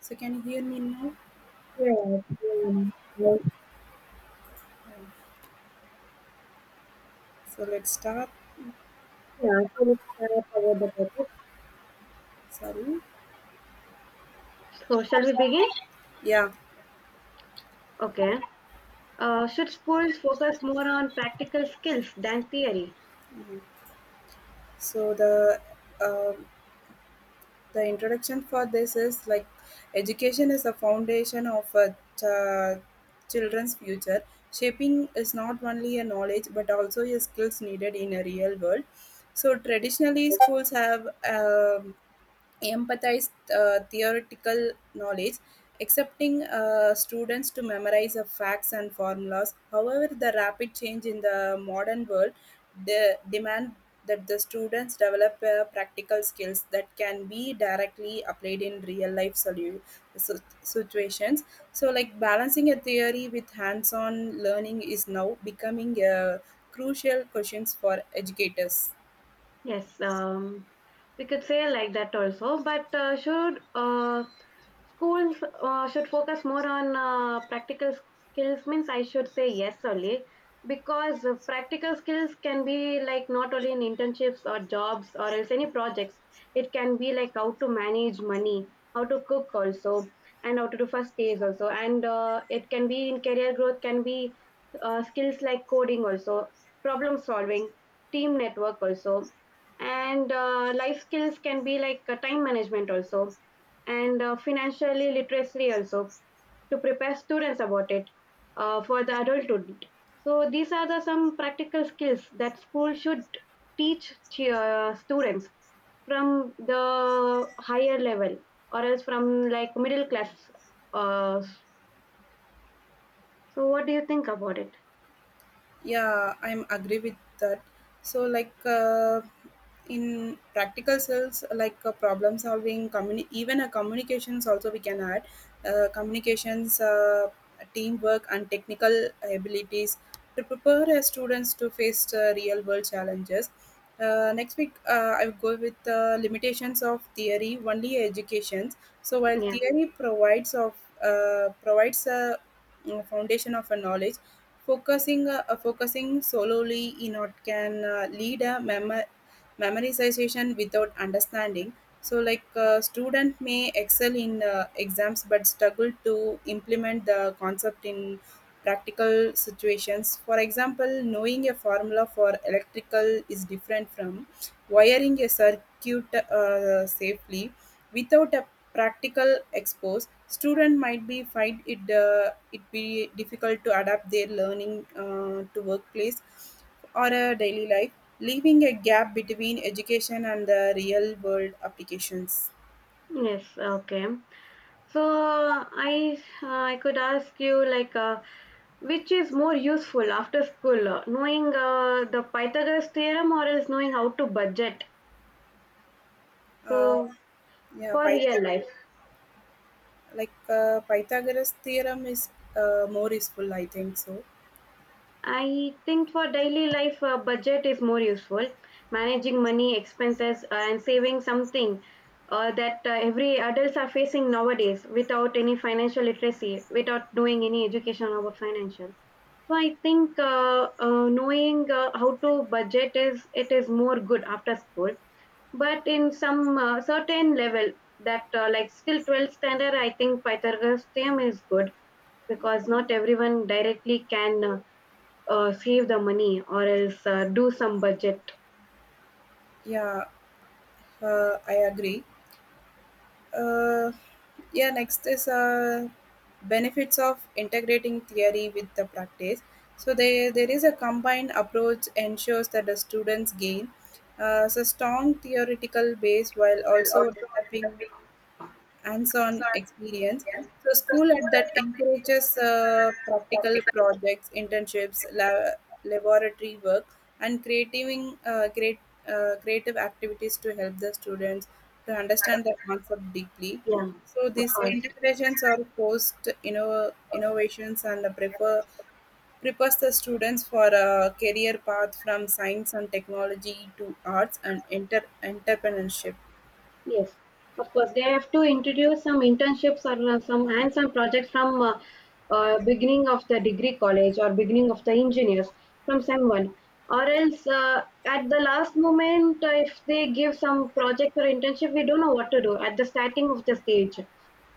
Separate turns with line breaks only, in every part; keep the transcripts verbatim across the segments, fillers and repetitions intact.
So can you hear me now?
Yeah, um, well,
Um, So let's start.
yeah, so let's start about the topic.
Sorry.
So, shall we begin?
Yeah.
Okay. Uh, should schools focus more on practical skills than theory?
Mhm. So the um the introduction for this is like education is the foundation of a ch- children's future. Shaping is not only a knowledge but also a skills needed in a real world. So traditionally, schools have um empathize uh, theoretical knowledge, accepting uh, students to memorize the facts and formulas. However, the rapid change in the modern world de- demand that the students develop uh, practical skills that can be directly applied in real life solu- si- situations. So, like balancing a theory with hands-on learning is now becoming a crucial questions for educators.
Yes, um, we could say like that also. But uh, should uh, Schools uh, should focus more on uh, practical skills, means I should say yes only, because uh, practical skills can be like not only in internships or jobs or else any projects, it can be like how to manage money, how to cook also, and how to do first aids also. And uh, it can be in career growth, can be uh, skills like coding also, problem solving, team network also. And uh, life skills can be like uh, time management also and uh, financially literacy also to prepare students about it uh, for the adulthood. So these are the some practical skills that school should teach chi- uh, students from the higher level or else from like middle class. Uh, so what do you think about it?
Yeah, I'm agree with that. So like, uh, in practical skills like, uh, problem solving, communi- even a communications also we can add uh, communications, uh, teamwork and technical abilities to prepare uh, students to face uh, real world challenges. Uh, next week uh, I will go with the limitations of theory only educations. So while
Yeah.
theory provides of uh, provides a mm, foundation of a knowledge. Focusing uh, uh, focusing solely in what can uh, lead a memo- memorization without understanding. So, like, uh, student may excel in uh, exams but struggle to implement the concept in practical situations. For example, knowing a formula for electrical is different from wiring a circuit uh, safely without a practical expose. Student might be find it uh, it be difficult to adapt their learning uh, to workplace or a daily life, leaving a gap between education and the real world applications.
Yes. Okay. So I uh, I could ask you like uh, which is more useful after school, uh, knowing uh, the Pythagoras theorem or else knowing how to budget?
Uh,
So
yeah,
for
Pyth-
real life.
like, uh, Pythagoras theorem is uh, more useful, I think so.
I think for daily life, a budget is more useful. Managing money, expenses, uh, and saving something uh, that uh, every adults are facing nowadays without any financial literacy, without doing any education about financial. So I think uh, uh, knowing uh, how to budget is it is more good after school. But in some uh, certain level that uh, like still twelfth standard, I think Pythagoras theorem is good because not everyone directly can. Uh, uh, save the money or else uh, do some budget.
Yeah, uh, I agree. Uh, yeah, next is uh, benefits of integrating theory with the practice. So they, there is a combined approach ensures that the students gain uh, so strong theoretical base while also developing hands-on experience. So school at that encourages uh, practical projects, internships, la- laboratory work, and creating uh, create, uh, creative activities to help the students to understand the concept deeply.
Yeah,
So
of
these
course.
integrations are post inno- innovations and prefer prepares the students for a career path from science and technology to arts and inter- entrepreneurship.
Yes, of course. They have to introduce some internships or uh, some and some projects from uh, uh, beginning of the degree college or beginning of the engineers from someone. Or else, uh, at the last moment, uh, if they give some project or internship, we don't know what to do at the starting of the stage.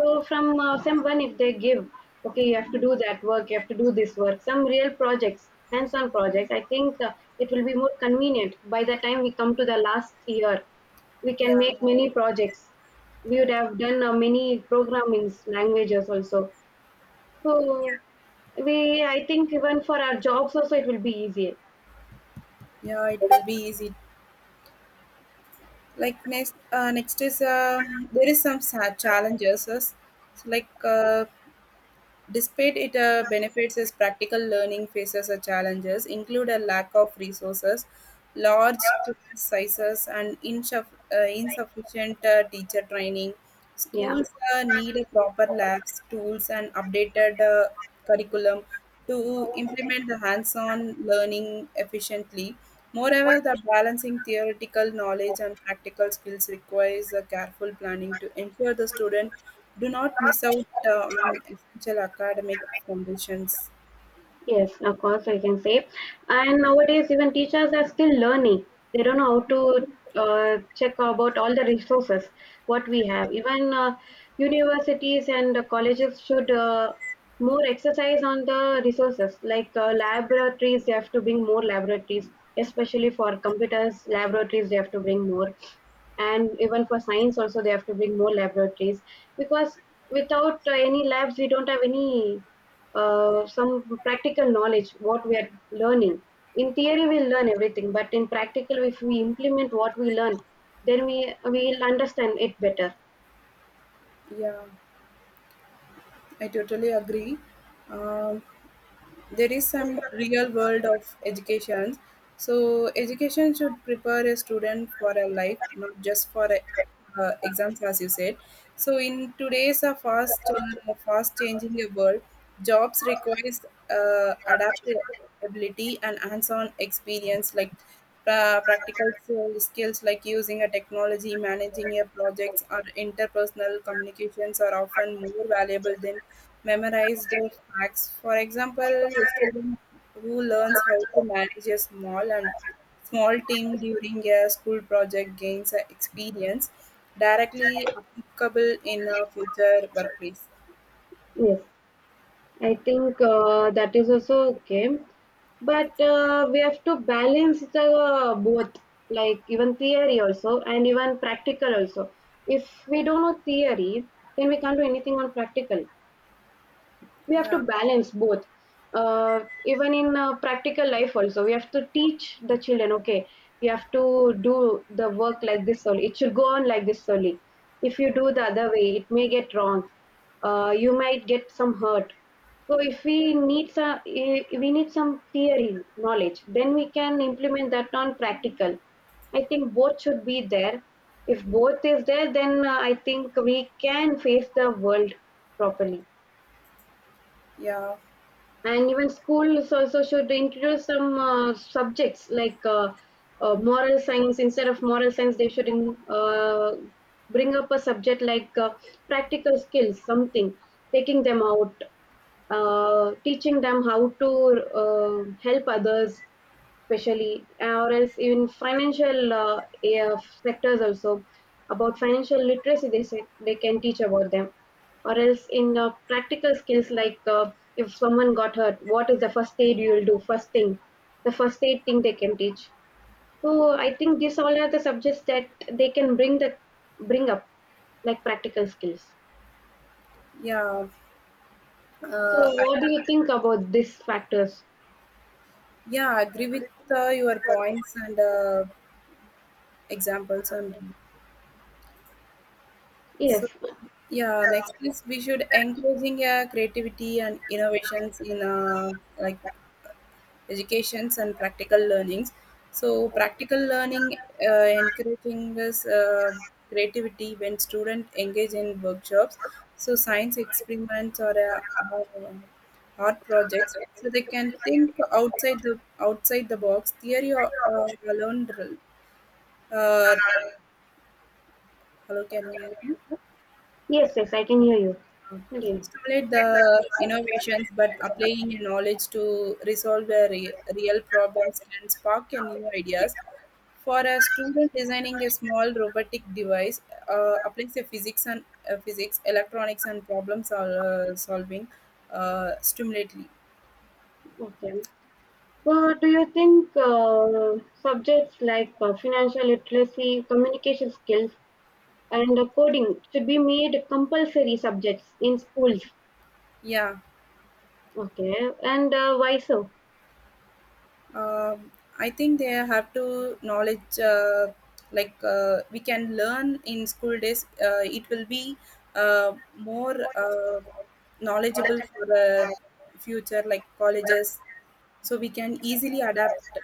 So from uh, someone, if they give, okay, you have to do that work, you have to do this work, some real projects, hands-on projects. I think uh, it will be more convenient by the time we come to the last year we
Yeah,
can make many projects. We would have done uh, many programming languages also. So we, I think even for our jobs also it will be easier.
yeah, it will be easy. Like next, uh, next is uh, there is some sad challenges as- So like, uh, despite it uh, benefits as practical learning faces a challenges include a lack of resources, large class sizes and insuff- uh, insufficient uh, teacher training.
Yeah.
Schools uh, need a proper labs tools and updated uh, curriculum to implement the hands-on learning efficiently. Moreover, the balancing theoretical knowledge and practical skills requires a careful planning to ensure the student do not miss out uh, on essential academic foundations.
Yes, of course, I can say. And nowadays, even teachers are still learning. They don't know how to uh, check about all the resources what we have. Even uh, universities and uh, colleges should uh, more exercise on the resources, like uh, laboratories. They have to bring more laboratories, especially for computers. Laboratories they have to bring more, and even for science also they have to bring more laboratories because without uh, any labs we don't have any uh, some practical knowledge what we are learning in theory we learn everything but in practical if we implement what we learn then we will understand it better.
Yeah, I totally agree. Um, there is some real world of education. So education should prepare a student for a life not just for a, uh, exams as you said. So in today's uh, fast uh, fast changing world, jobs requires uh, adaptability and hands-on experience. Like Pra- practical skills like using a technology, managing your projects, or interpersonal communications are often more valuable than memorized facts. For example, a student who learns how to manage a small and small team during a school project gains a experience directly applicable in a future workplace.
Yes, I think uh, that is also okay but uh, we have to balance the uh, both, like even theory also and even practical also. If we don't know theory then we can't do anything on practical. We have to
Yeah,
balance both. Uh, even in uh, practical life also we have to teach the children, okay you have to do the work like this only, it should go on like this only. If you do the other way it may get wrong, uh, you might get some hurt. So if we need some we need some theory knowledge then we can implement that on practical. I think both should be there. If both is there then uh, I think we can face the world properly.
yeah,
And even schools also should introduce some uh, subjects like uh, uh, moral science. Instead of moral science they should in, uh, bring up a subject like uh, practical skills something, taking them out, uh, teaching them how to uh, help others, especially, or else in financial uh, uh, sectors also about financial literacy. They say they can teach about them, or else in uh, practical skills like uh, if someone got hurt, what is the first aid you will do? First thing, the first aid thing they can teach. So I think these all are the subjects that they can bring the bring up like practical skills.
yeah.
So
Uh, I,
what do you think about these factors?
yeah, I agree with uh, your points and uh, examples and. So,
Yes.
yeah, next is we should encouraging uh, creativity and innovations in, uh, like educations and practical learnings. So practical learning uh, encouraging this uh, creativity when students engage in workshops, so science experiments, or, uh, or um, art projects. So they can think outside the outside the box. Theory or uh, alone. uh, Hello, can you hear me?
Yes, yes, I can hear you. Okay,
Stimulate the innovations but applying your knowledge to resolve the re- real problems can spark a new ideas. For a student designing a small robotic device uh, applies a physics and uh, physics electronics and problem sol- uh, solving uh, stimulately.
okay. So, do you think uh, subjects like uh, financial literacy, communication skills, and uh, coding should be made compulsory subjects in schools?
Yeah.
Okay, and uh, why so?
um, I think they have to knowledge uh, like uh, we can learn in school days. Uh, it will be uh, more uh, knowledgeable for the future, like colleges, so we can easily adapt.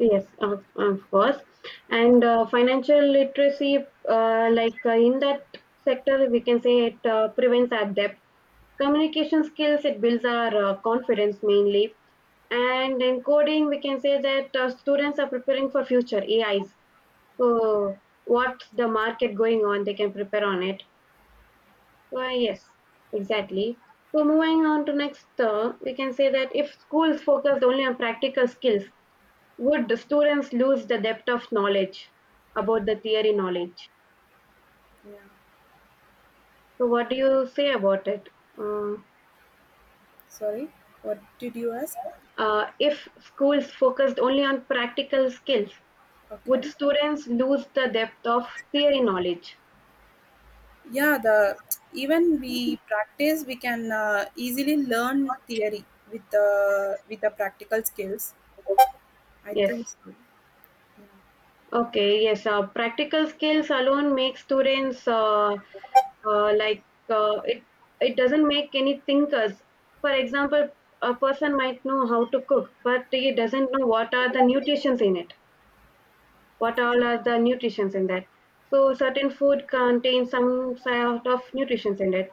Yes, of, of course. And uh, financial literacy, uh, like uh, in that sector, we can say it uh, prevents our debt. Communication skills, it builds our uh, confidence mainly. And in coding, we can say that uh, students are preparing for future A Is. So what's the market going on, they can prepare on it. Well, yes, exactly. So moving on to next, uh, we can say that if schools focused only on practical skills, would the students lose the depth of knowledge about the theory knowledge?
Yeah.
So, what do you say about it? Uh,
Sorry, what did you ask?
uh, if schools focused only on practical skills, would
Okay.
students lose the depth of theory knowledge?
Yeah, the even we practice, we can uh, easily learn theory with the with the practical skills. I think
Yes.
so.
Okay. Yes. Uh, practical skills alone make students uh, uh, like uh, it. It doesn't make any thinkers. For example, a person might know how to cook, but he doesn't know what are the nutrients in it what all are the nutrients in that. So certain food contains some sort of nutrients in it.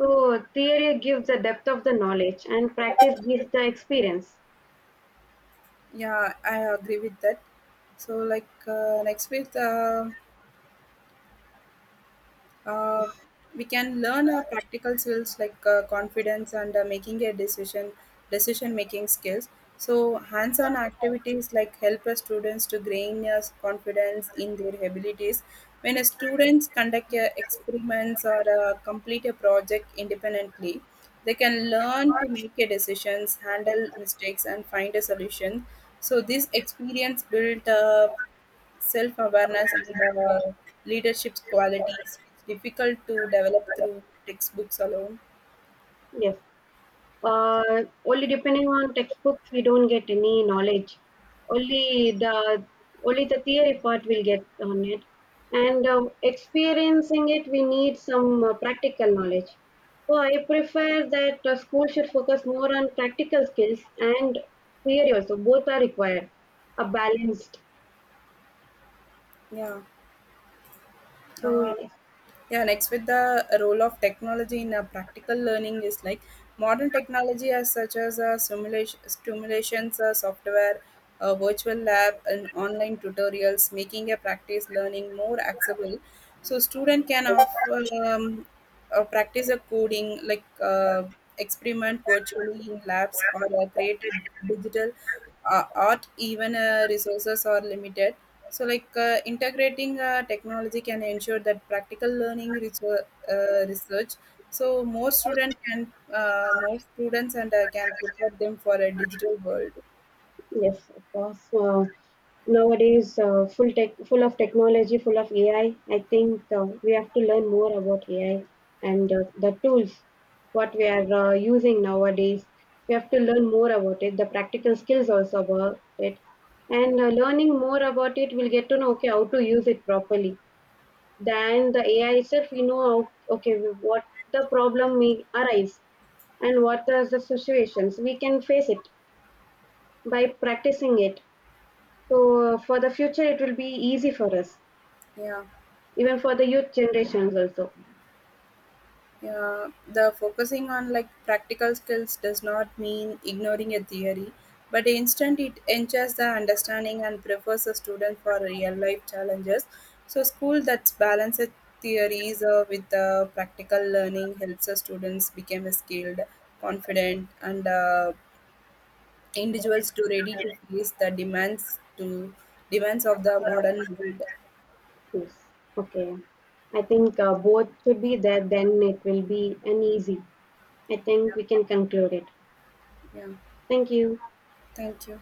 So theory gives the depth of the knowledge and practice gives the experience.
Yeah, I agree with that. So, like, uh, next week, uh, uh, we can learn uh, practical skills like uh, confidence and uh, making a decision decision making skills. So hands-on activities like help uh, students to gain uh, confidence in their abilities. When uh, students conduct uh, experiments or uh, complete a project independently, they can learn to make a decisions, handle mistakes and find a solution. So this experience built uh, self-awareness and uh, leadership qualities which difficult to develop through textbooks alone.
Yes. Uh, only depending on textbooks, we don't get any knowledge. Only the Only the theory part we'll get on it, and um, experiencing it, we need some uh, practical knowledge. So I prefer that uh, school should focus more on practical skills and theory also. Both are required, a balanced.
Yeah.
So
Uh,
yes.
yeah, next with the role of technology in a practical learning is like modern technology as such as, uh, simulation, simulations, uh, software, uh, virtual lab, and online tutorials, making a practice learning more accessible. So student can offer, um, uh, practice a coding like, uh, experiment virtually in labs or uh, create a digital uh, art even uh, resources are limited. So like, uh, integrating uh, technology can ensure that practical learning research, uh, research, so more students can uh, more students and uh, can prepare them for a digital world.
Yes, of course. Uh, nowadays, uh, full tech, full of technology, full of A I. I I think uh, we have to learn more about A I and uh, the tools what we are uh, using nowadays. We have to learn more about it. The practical skills also about it, and uh, learning more about it, we'll get to know okay how to use it properly. Then the A I itself, we know how, okay what the problem may arise and what are the situations we can face it by practicing it. So uh, for the future, it will be easy for us,
Yeah.
even for the youth generations also.
Yeah, the focusing on like practical skills does not mean ignoring a theory, but instead it enhances the understanding and prepares the student for real life challenges. So school that's balances theories uh, with the practical learning helps the students become skilled, confident, and uh, individuals to ready to face the demands to demands of the modern world.
Yes. Okay. I think uh, both should be there. Then it will be an easy. I think we can conclude it.
Yeah,
Thank you.
thank you.